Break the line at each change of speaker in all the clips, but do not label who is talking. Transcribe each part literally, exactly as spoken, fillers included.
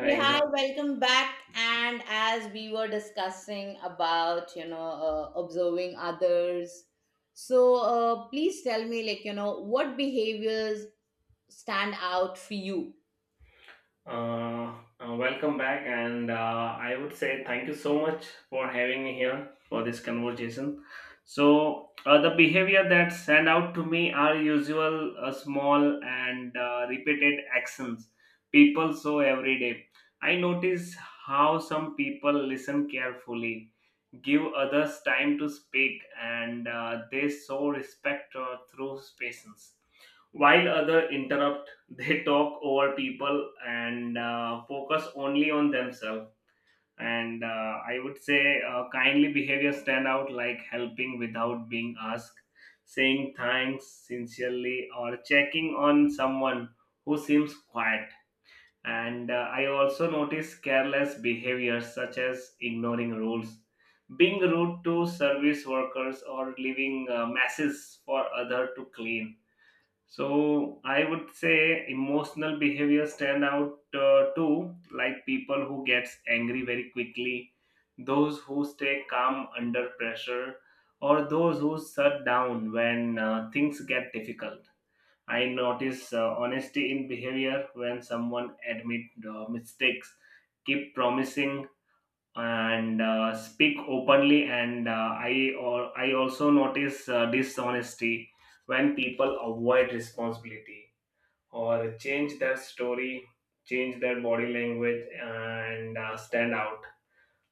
Hey,
good
hi,
af-
welcome back. And as we were discussing about, you know, uh, observing others, so uh, please tell me, like, you know, what behaviors stand out for you?
uh, uh, Welcome back, and uh, I would say thank you so much for having me here for this conversation. So, uh, the behavior that stand out to me are usual, uh, small, and uh, repeated actions people show every day. I notice how some people listen carefully, give others time to speak, and uh, they show respect uh, through patience, while other interrupt. They talk over people and uh, focus only on themselves, and uh, i would say uh, kindly behavior stand out like helping without being asked, saying thanks sincerely, or checking on someone who seems quiet. And uh, i also notice careless behaviors such as ignoring rules, being rude to service workers, or leaving uh, messes for other to clean. So I would say emotional behavior stand out uh, too, like people who gets angry very quickly, those who stay calm under pressure, or those who shut down when uh, things get difficult. I notice uh, honesty in behavior when someone admit uh, mistakes, keep promising, and uh, speak openly, and uh, i or i also notice uh, dishonesty when people avoid responsibility or change their story, change their body language, uh, and uh, stand out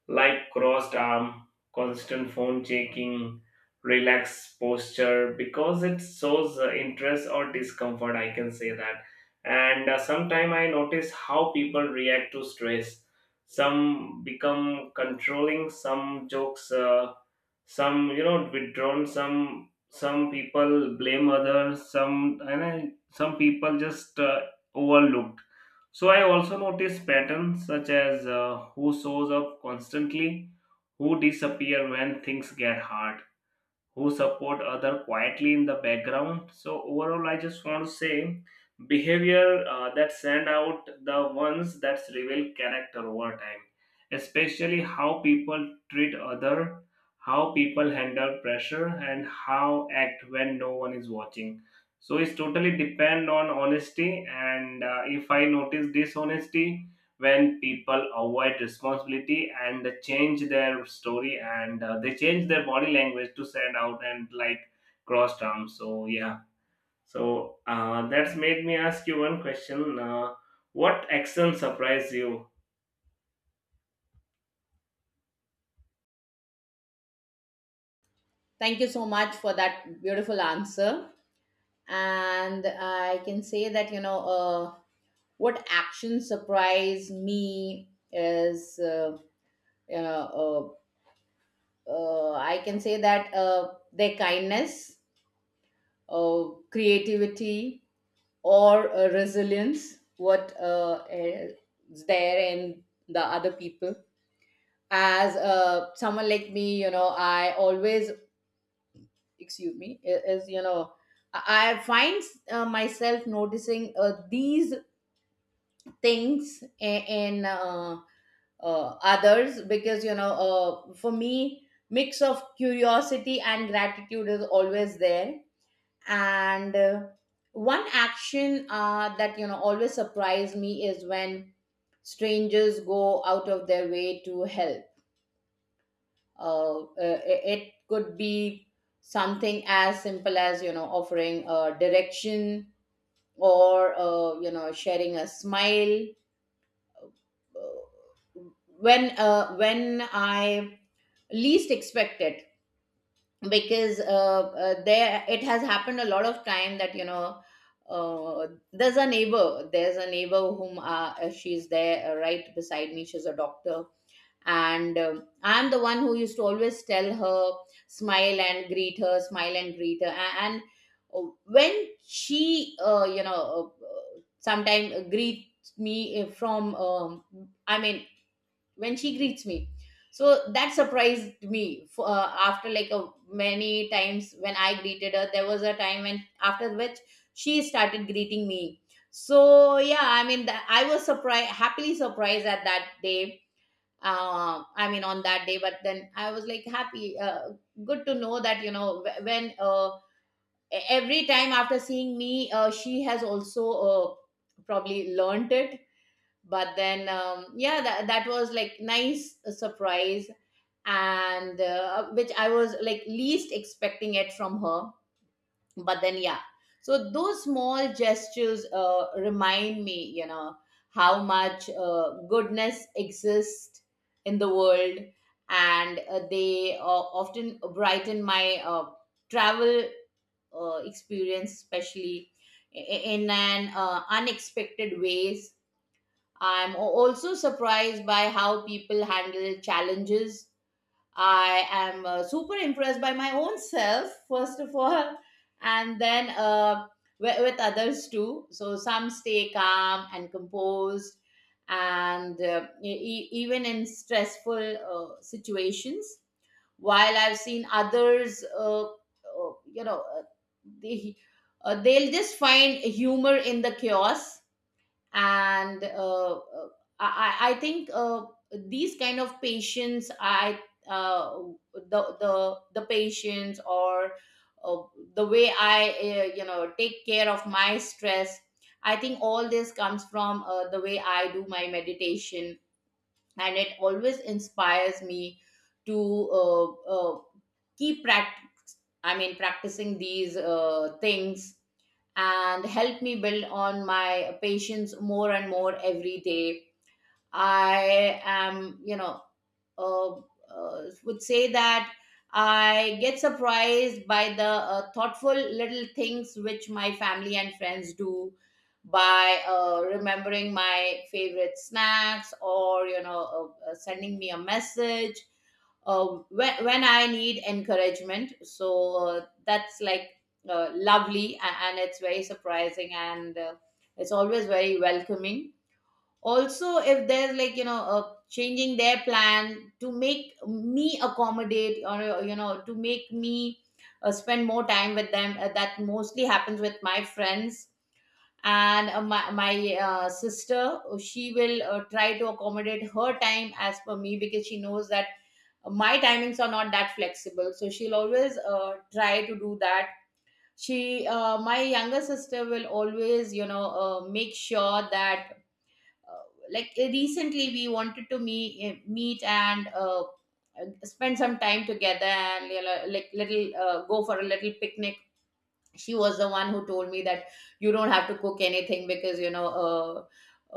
like crossed arm, constant phone checking, relaxed posture, because it shows uh, interest or discomfort. I can say that. And uh, sometimes I notice how people react to stress. Some become controlling, some jokes, uh, some you know withdrawn, some some people blame others, some and I, some people just uh, overlooked. So I also notice patterns such as uh, who shows up constantly, who disappear when things get hard, who support other quietly in the background. So overall I just want to say behavior uh, that stand out the ones that reveal character over time, especially how people treat other, how people handle pressure, and how act when no one is watching. So it's totally depend on honesty, and uh, if i notice dishonesty when people avoid responsibility and change their story, and uh, they change their body language to stand out, and like cross terms. So yeah, so uh, that's made me ask you one question. Uh, what action surprised you?
Thank you so much for that beautiful answer. And I can say that, you know, uh, what action surprised me is, uh, you know, uh, uh, I can say that uh, their kindness, uh, creativity, or uh, resilience what uh, is there in the other people as uh, someone like me, you know, I always excuse me I- is you know I I find uh, myself noticing uh, these things in, in uh, uh, others, because you know, uh, for me mix of curiosity and gratitude is always there. And uh, one action uh, that you know always surprised me is when strangers go out of their way to help. uh, uh, it it could be something as simple as you know offering a direction or uh, you know sharing a smile. Uh, when uh, when I least expect it. Because uh, uh, there, it has happened a lot of time that you know uh, there's a neighbor, there's a neighbor whom uh, uh, she's there uh, right beside me. She's a doctor. And um, I'm the one who used to always tell her, smile and greet her, smile and greet her. A- and, uh, when she uh, you know uh, sometimes greets me uh, from um, I mean when she greets me, so that surprised me. For, uh, after like a, many times when I greeted her, there was a time when, after which she started greeting me. So yeah, I mean, that I was surprised, happily surprised at that day, uh, I mean on that day. But then I was like happy, uh, good to know that you know wh- when uh, e- every time after seeing me, uh, she has also uh, probably learned it. But then um, yeah, that, that was like nice surprise. And uh, which I was like least expecting it from her, but then yeah. So those small gestures uh, remind me, you know, how much uh, goodness exists in the world. And uh, they uh, often brighten my uh, travel uh, experience, especially i- in an uh, unexpected ways. I'm a- also surprised by how people handle challenges. I am uh, super impressed by my own self, first of all, and then uh, with, with others too. So some stay calm and composed, and uh, e- e- even in stressful uh, situations. While I've seen others, uh, uh, you know, uh, they, uh, they'll just find humor in the chaos. And uh, uh, I, I I think uh, these kind of patients, I uh, the the the patients or uh, the way I uh, you know take care of my stress. I think all this comes from uh, the way I do my meditation, and it always inspires me to uh, uh, keep practice. I mean, practicing these uh, things and help me build on my patience more and more every day. I am, you know, uh, uh, would say that I get surprised by the uh, thoughtful little things which my family and friends do, by uh, remembering my favorite snacks or you know uh, uh, sending me a message uh, when, when I need encouragement. So uh, that's like uh, lovely, a- and it's very surprising, and uh, it's always very welcoming. Also, if there's like you know uh, changing their plan to make me accommodate, or you know to make me uh, spend more time with them, uh, that mostly happens with my friends. And uh, my, my uh, sister, uh, she will uh, try to accommodate her time as per me, because she knows that my timings are not that flexible, so she'll always uh, try to do that. She uh, My younger sister will always you know uh, make sure that uh, like uh, recently we wanted to meet meet and uh, uh, spend some time together, and you know, like little, uh, go for a little picnic. She was the one who told me that you don't have to cook anything, because you know, uh,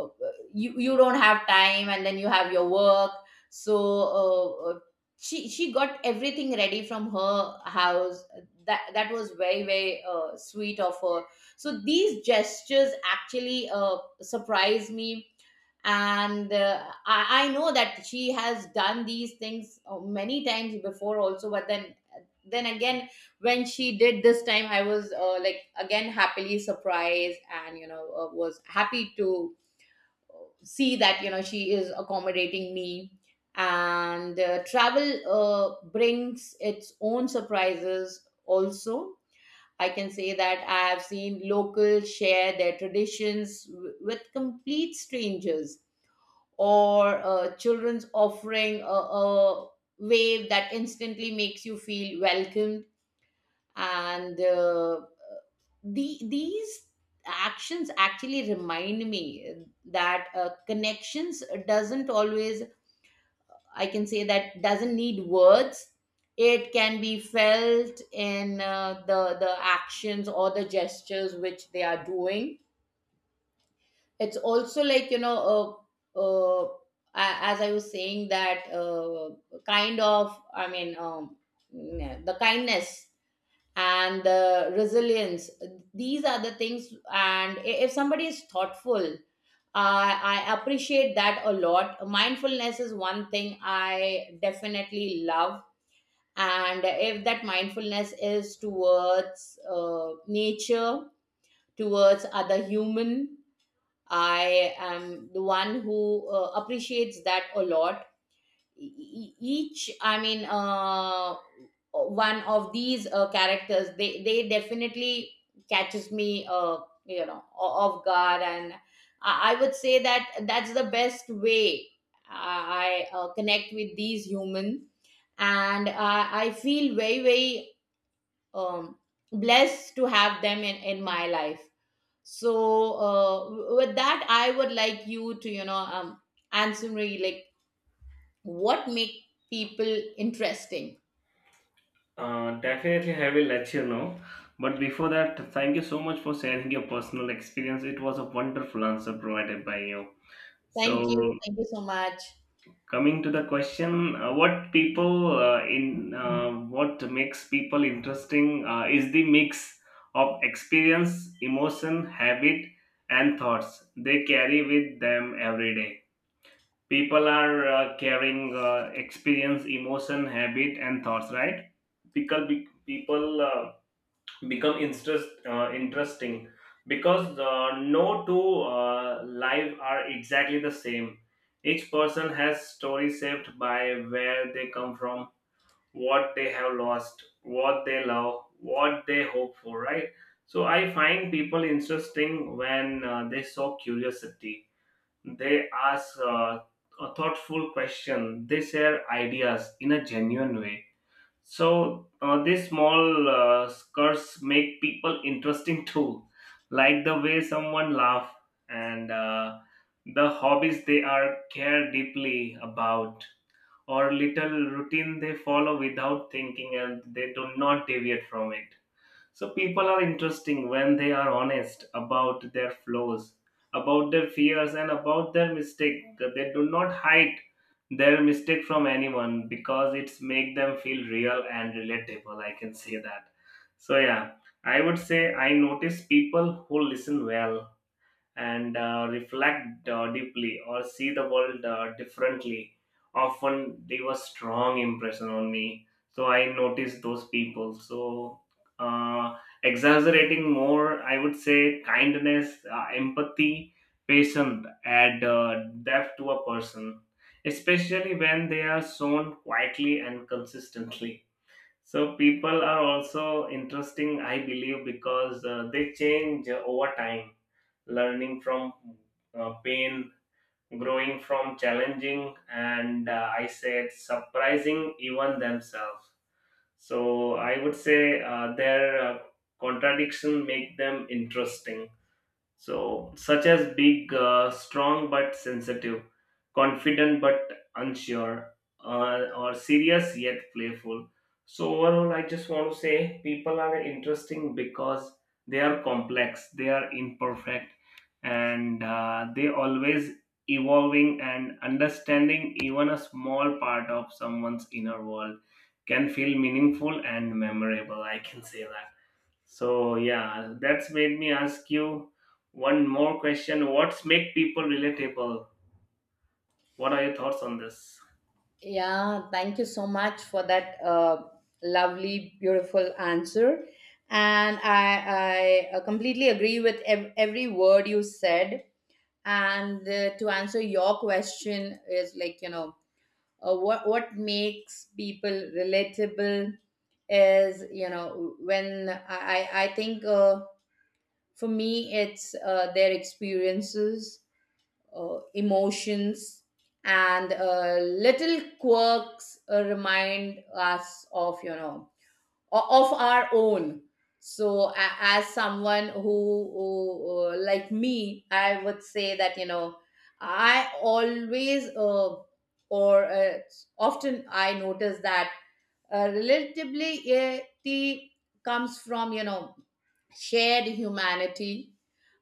uh, you you don't have time, and then you have your work. So uh, uh, she she got everything ready from her house. That that was very very uh, sweet of her. So these gestures actually uh, surprised me. And uh, I, I know that she has done these things uh, many times before also, but then then again, when she did this time, I was uh, like again happily surprised, and you know, uh, was happy to uh, see that you know she is accommodating me. And uh, travel uh, brings its own surprises also. I can say that I have seen locals share their traditions w- with complete strangers, or uh, children's offering a, a wave that instantly makes you feel welcomed. And uh, the these actions actually remind me that uh, connections doesn't always, I can say that, doesn't need words. It can be felt in uh, the the actions or the gestures which they are doing. It's also like you know, uh, uh, a- as I was saying that, uh, kind of i mean um, the kindness and uh, resilience, these are the things. And i- if somebody is thoughtful, I I appreciate that a lot. Mindfulness is one thing I definitely love, and if that mindfulness is towards uh, nature, towards other human, I am the one who uh, appreciates that a lot. E- e, e, each I mean uh, One of these uh, characters, they they definitely catches me uh, you know o- off guard. And I, I would say that that's the best way i, I uh, connect with these humans. And I, I feel very very um, blessed to have them in, in my life. So uh, w- with that, I would like you to you know um, answer me like, what make people interesting?
uh, Definitely, I will let you know, but before that, thank you so much for sharing your personal experience. It was a wonderful answer provided by you. So
Thank you, thank you so much.
coming to the question, uh, what people uh, in uh, what makes people interesting uh, is the mix of experience, emotion, habit, and thoughts they carry with them every day. People are uh, carrying uh, experience, emotion, habit, and thoughts, right? Because be- people uh, become interest, uh, interesting because uh, no two uh, lives are exactly the same. Each person has stories shaped by where they come from, what they have lost, what they love, what they hope for, right? So I find people interesting when uh, they show curiosity. They ask uh, a thoughtful question. They share ideas in a genuine way. So uh, these small uh, skirts make people interesting too, like the way someone laugh, and uh, the hobbies they are care deeply about, or little routine they follow without thinking and they do not deviate from it. So people are interesting when they are honest about their flaws, about their fears, and about their mistake. They do not hide their mistake from anyone because it's make them feel real and relatable. I can say that. So yeah, I would say I notice people who listen well and uh, reflect uh, deeply, or see the world uh, differently, often they were strong impression on me, so I noticed those people. So uh, exaggerating more, I would say kindness, uh, empathy, patience add uh, depth to a person, especially when they are shown quietly and consistently. So people are also interesting, I believe, because uh, they change over time, learning from uh, pain, growing from challenging, and uh, I said surprising even themselves. So I would say uh, their uh, contradiction make them interesting, so, such as big, uh, strong but sensitive, confident but unsure, uh, or serious yet playful. So, overall, I just want to say people are interesting because they are complex, they are imperfect, and uh, they always evolving, and understanding even a small part of someone's inner world can feel meaningful and memorable. I can say that. So yeah, that's made me ask you one more question. What's make people relatable? What are your thoughts on this?
Yeah, thank you so much for that uh, lovely, beautiful answer. And I, I uh, completely agree with ev- every word you said. And uh, to answer your question is like, you know, uh, what, what makes people relatable is, you know, when I, I I think uh, for me, it's uh, their experiences, uh, emotions, and uh, little quirks uh, remind us of you know o- of our own. So, a- as someone who, who uh, like me, I would say that you know I always uh, or uh, often I notice that uh, relatability comes from you know shared humanity,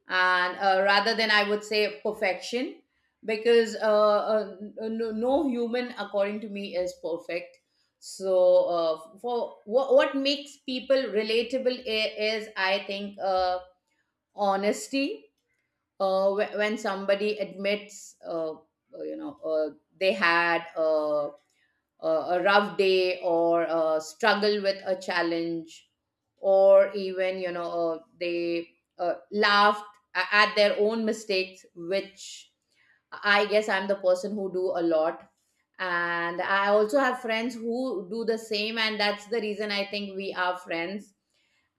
and uh, rather than, I would say, perfection. Because uh, uh, no, no human, according to me, is perfect. So uh, for what, what makes people relatable i- is, I think, uh, honesty. Uh, wh- when somebody admits uh, uh, you know uh, they had uh, uh, a rough day or a struggle with a challenge, or even you know uh, they uh, laughed a- at their own mistakes, which I guess I'm the person who do a lot. And I also have friends who do the same, and that's the reason I think we are friends.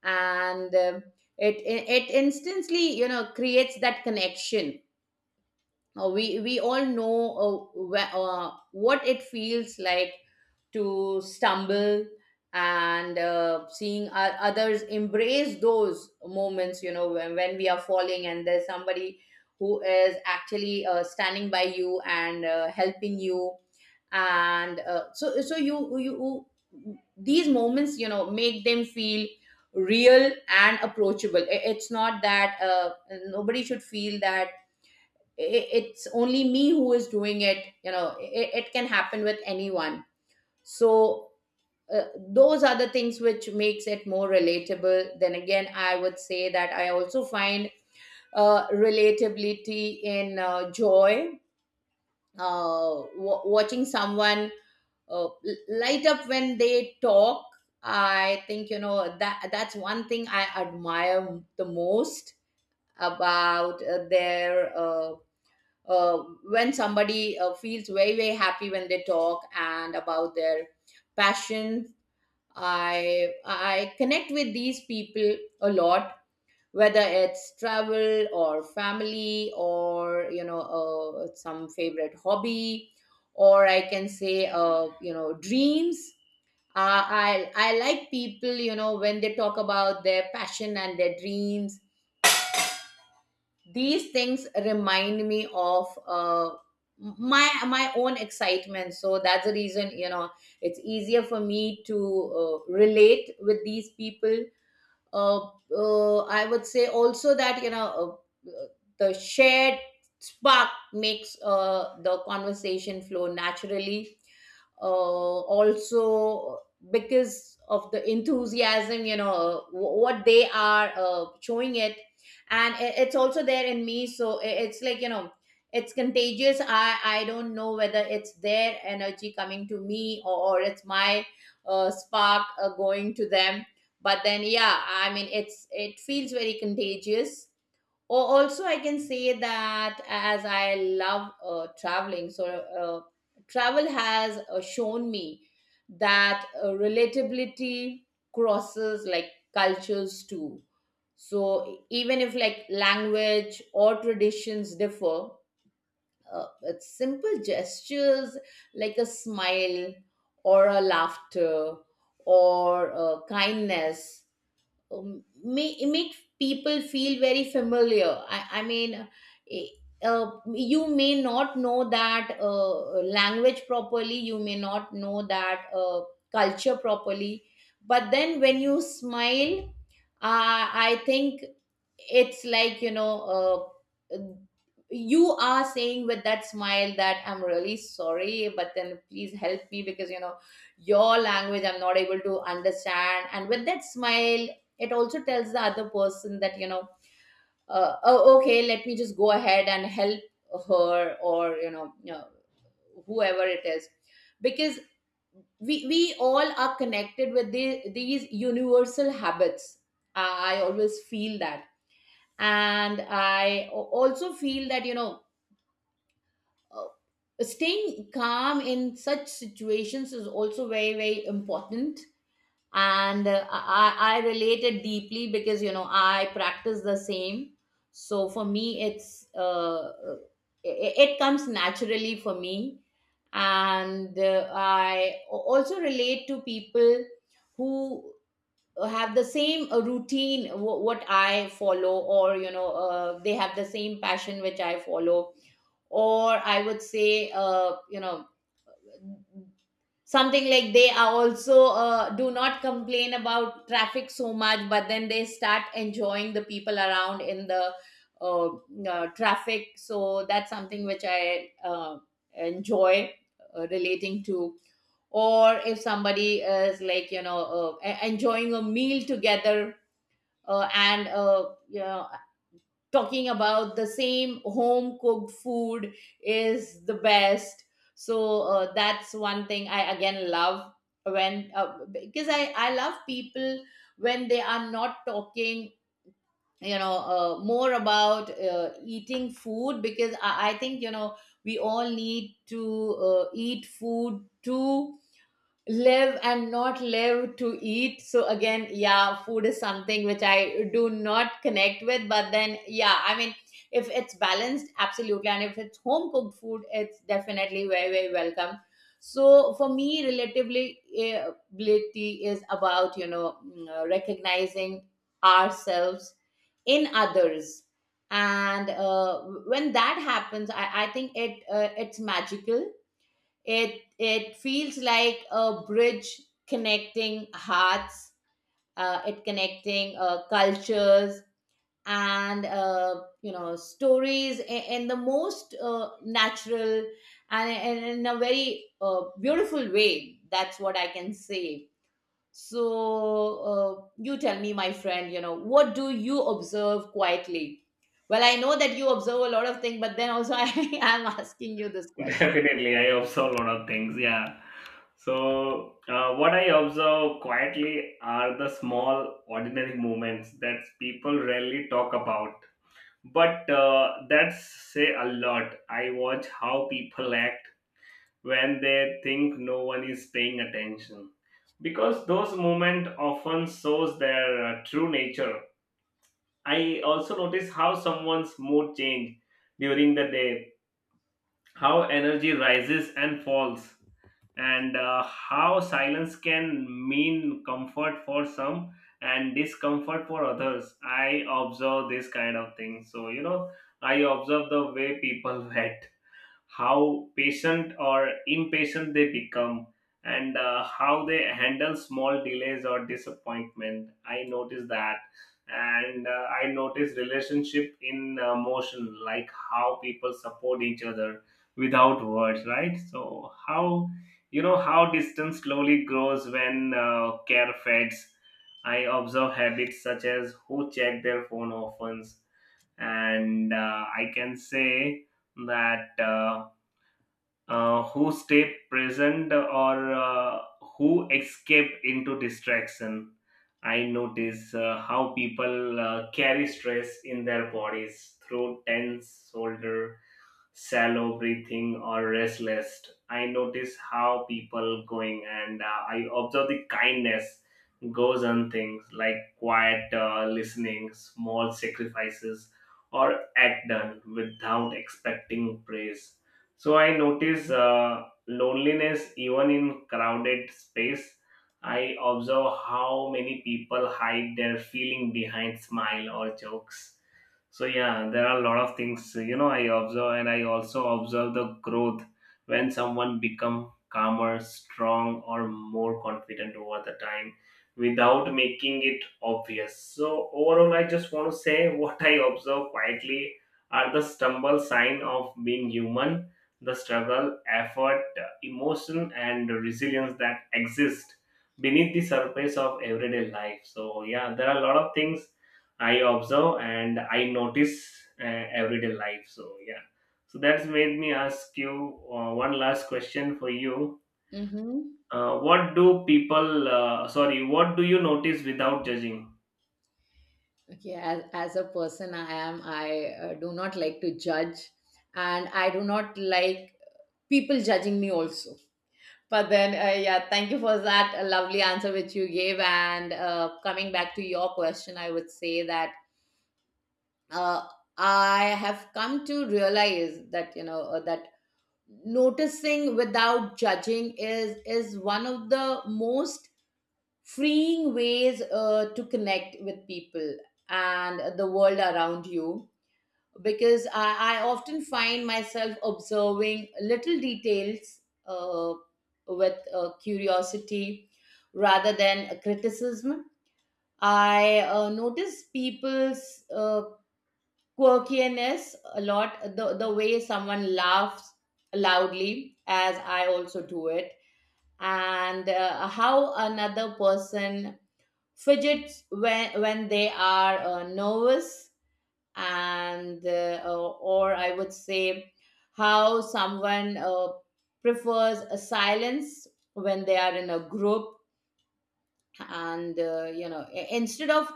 And um it it it instantly you know creates that connection. Uh, we we all know uh, wh- uh, what it feels like to stumble. And uh, seeing o- others embrace those moments, you know, when, when we are falling and there's somebody who is actually uh, standing by you and uh, helping you. And uh, so so you you, these moments you know make them feel real and approachable. I- it's not that uh, nobody should feel that, i- it's only me who is doing it. You know, it, it can happen with anyone. So uh, those are the things which makes it more relatable. Then again, I would say that I also find uh, relatability in uh, joy. Uh, w- watching someone uh, l- light up when they talk, I think you know that that's one thing I admire the most about uh, their uh, uh, when somebody uh, feels very very happy when they talk and about their passion. I I connect with these people a lot, whether it's travel or family or you know uh, some favorite hobby, or I can say, uh, you know, dreams. Uh, I I like people you know when they talk about their passion and their dreams. These things remind me of uh, my my own excitement. So that's the reason you know it's easier for me to uh, relate with these people. uh, uh, I would say also that you know uh, uh, the shared spark makes uh, the conversation flow naturally. Uh, also, because of the enthusiasm, you know uh, wh- what they are uh, showing it, and i- it's also there in me. So i- it's like you know it's contagious. I I don't know whether it's their energy coming to me or, or it's my uh, spark uh, going to them but then yeah i mean it's it feels very contagious. Or also I can say that as I love uh, traveling. So uh, travel has uh, shown me that uh, relatability crosses like cultures too. So even if like language or traditions differ, uh, it's simple gestures like a smile or a laughter or uh, kindness um, make make people feel very familiar. I, I mean, eh, uh, you may not know that uh, language properly, you may not know that uh, culture properly, but then when you smile, uh, I think it's like you know. Uh, you are saying with that smile that I'm really sorry, but then please help me because you know your language I'm not able to understand. And with that smile, it also tells the other person that you know, uh, oh, okay, let me just go ahead and help her or, you know, you know whoever it is, because we we all are connected with the, these universal habits. I I always feel that, and i al- also feel that you know uh, staying calm in such situations is also very, very important. And uh, I, I related deeply because you know I practice the same. So for me it's uh, it, it comes naturally for me. And uh, i a- also relate to people who have the same uh, routine wh- what I follow, or you know uh, they have the same passion which I follow. Or I would say, uh, you know, something like they are also uh, do not complain about traffic so much, but then they start enjoying the people around in the uh, uh, traffic. So that's something which I uh, enjoy uh, relating to. Or if somebody is like, you know, uh, e- enjoying a meal together, uh, and uh, you know, talking about the same home cooked food is the best. So uh, that's one thing I again love, when uh, because i i love people when they are not talking, you know uh, more about uh, eating food, because I, I think, you know, we all need to uh, eat food too, live and not live to eat. So again, yeah, food is something which I do not connect with, but then yeah, I mean, if it's balanced absolutely, and if it's home cooked food, it's definitely very, very welcome. So for me, relatively, eh, ability is about, you know, mm, uh, recognizing ourselves in others. And uh, when that happens, i, I think it uh, it's magical. It it feels like a bridge connecting hearts. Uh, it connecting uh, cultures and, uh, you know, stories in, in the most uh, natural and, and in a very uh, beautiful way. That's what I can say. So uh, you tell me, my friend. You know, what do you observe quietly? Well, I know that you observe a lot of things, but then also I am asking you this question.
Definitely, I observe a lot of things. Yeah. So uh, what I observe quietly are the small, ordinary moments that people rarely talk about, but uh, that's say a lot. I watch how people act when they think no one is paying attention, because those moments often shows their uh, true nature. I also notice how someone's mood change during the day, how energy rises and falls, and uh, how silence can mean comfort for some and discomfort for others. I observe this kind of thing, so you know, I observe the way people act, how patient or impatient they become, and uh, how they handle small delays or disappointment. I notice that, and uh, I notice relationship in uh, motion, like how people support each other without words, right? So how, you know, how distance slowly grows when uh, care fades. I observe habits such as who check their phone often, and uh, i can say that uh, uh, who stay present, or uh, who escape into distraction. I notice uh, how people uh, carry stress in their bodies through tense shoulder, shallow breathing, or restless. I notice how people going, and uh, I observe the kindness goes on things like quiet uh, listening, small sacrifices, or act done without expecting praise. So I notice uh, loneliness even in crowded space. I observe how many people hide their feeling behind smile or jokes. So yeah, there are a lot of things, you know, I observe, and I also observe the growth when someone become calmer, strong, or more confident over the time without making it obvious. So overall, I just want to say what I observe quietly are the stumble sign of being human, the struggle, effort, emotion, and resilience that exist beneath the surface of everyday life. So yeah, there are a lot of things I observe and I notice uh, everyday life. So yeah, so that's made me ask you uh, one last question for you.
Mm-hmm.
Uh, what do people? Uh, sorry, what do you notice without judging?
Okay, as, as a person, I am, I uh, do not like to judge, and I do not like people judging me also. But then, uh, yeah, thank you for that uh, lovely answer which you gave. And uh, coming back to your question, I would say that uh, I have come to realize that, you know, uh, that noticing without judging is is one of the most freeing ways uh, to connect with people and the world around you, because I, I often find myself observing little details uh, with uh, curiosity rather than a criticism. I uh, notice people's uh, quirkiness a lot, the, the way someone laughs loudly, as I also do it. And uh, how another person fidgets when when they are uh, nervous. And uh, or I would say how someone uh, prefers a silence when they are in a group. And uh, you know, i- instead of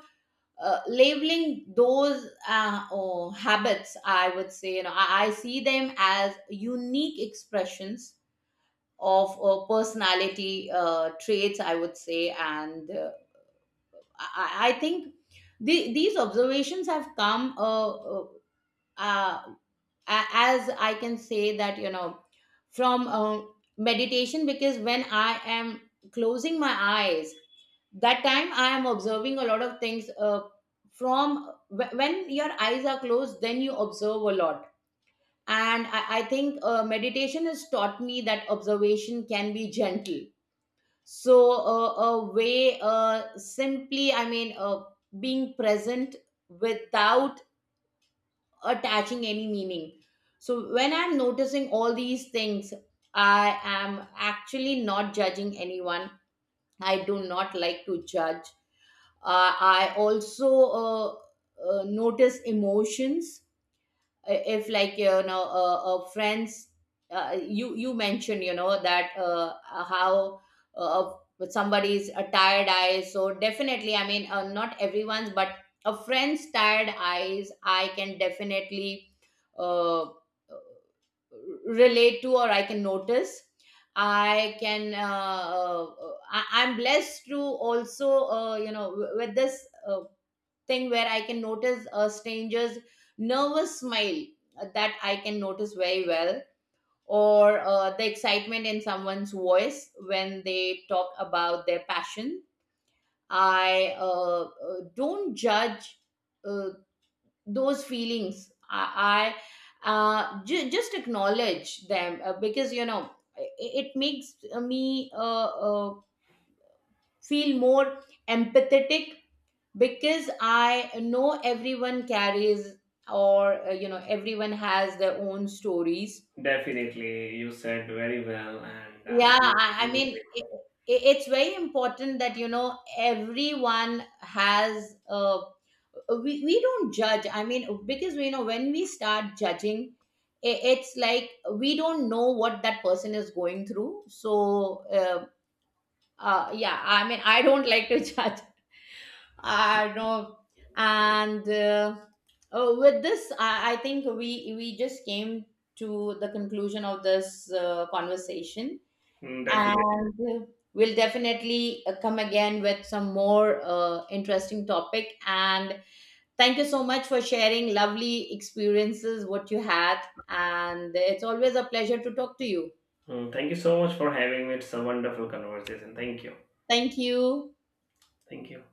uh, labeling those uh, oh, habits, I would say, you know, I, I see them as unique expressions of uh, personality uh, traits, I would say. And uh, I, I I think the, these observations have come uh, uh, uh, a- as I can say that, you know, from uh, meditation, because when I am closing my eyes, that time I am observing a lot of things. Uh, from wh- when your eyes are closed, then you observe a lot. And i, I think uh, meditation has taught me that observation can be gentle. So uh, a way, uh, simply, I mean, uh, being present without attaching any meaning. So when I'm noticing all these things, I am actually not judging anyone. I do not like to judge. Uh, I also uh, uh, notice emotions, if like, you know uh, uh, friends, uh, you you mentioned, you know, that uh, uh, how uh, uh, somebody's a tired eyes. So definitely, I mean, uh, not everyone's, but a friend's tired eyes I can definitely uh, relate to, or I can notice. i can uh, uh, I, I'm blessed to also uh, you know, w- with this uh, thing, where I can notice a stranger's nervous smile, uh, that I can notice very well. Or uh, the excitement in someone's voice when they talk about their passion. I uh, uh, don't judge uh, those feelings. I, I uh, ju- just acknowledge them, uh, because, you know, it, it makes me uh, uh, feel more empathetic, because I know everyone carries, or uh, you know, everyone has their own stories.
Definitely, you said very well, and uh, it
Yeah,
was
i, I mean,
amazing.
it, it- it's very important that, you know, everyone has uh, we, we don't judge. I mean, because, you know, when we start judging, i- it's like we don't know what that person is going through. So uh, uh yeah, I mean, I don't like to judge, I know. And uh, uh, with this, I, I think we we just came to the conclusion of this uh, conversation.
Mm,
And
definitely.
uh, we'll definitely uh, come again with some more uh, interesting topic. And thank you so much for sharing lovely experiences what you had, and it's always a pleasure to talk to you.
Mm, thank you so much for having me. It's a wonderful conversation. Thank you.
Thank you.
Thank you.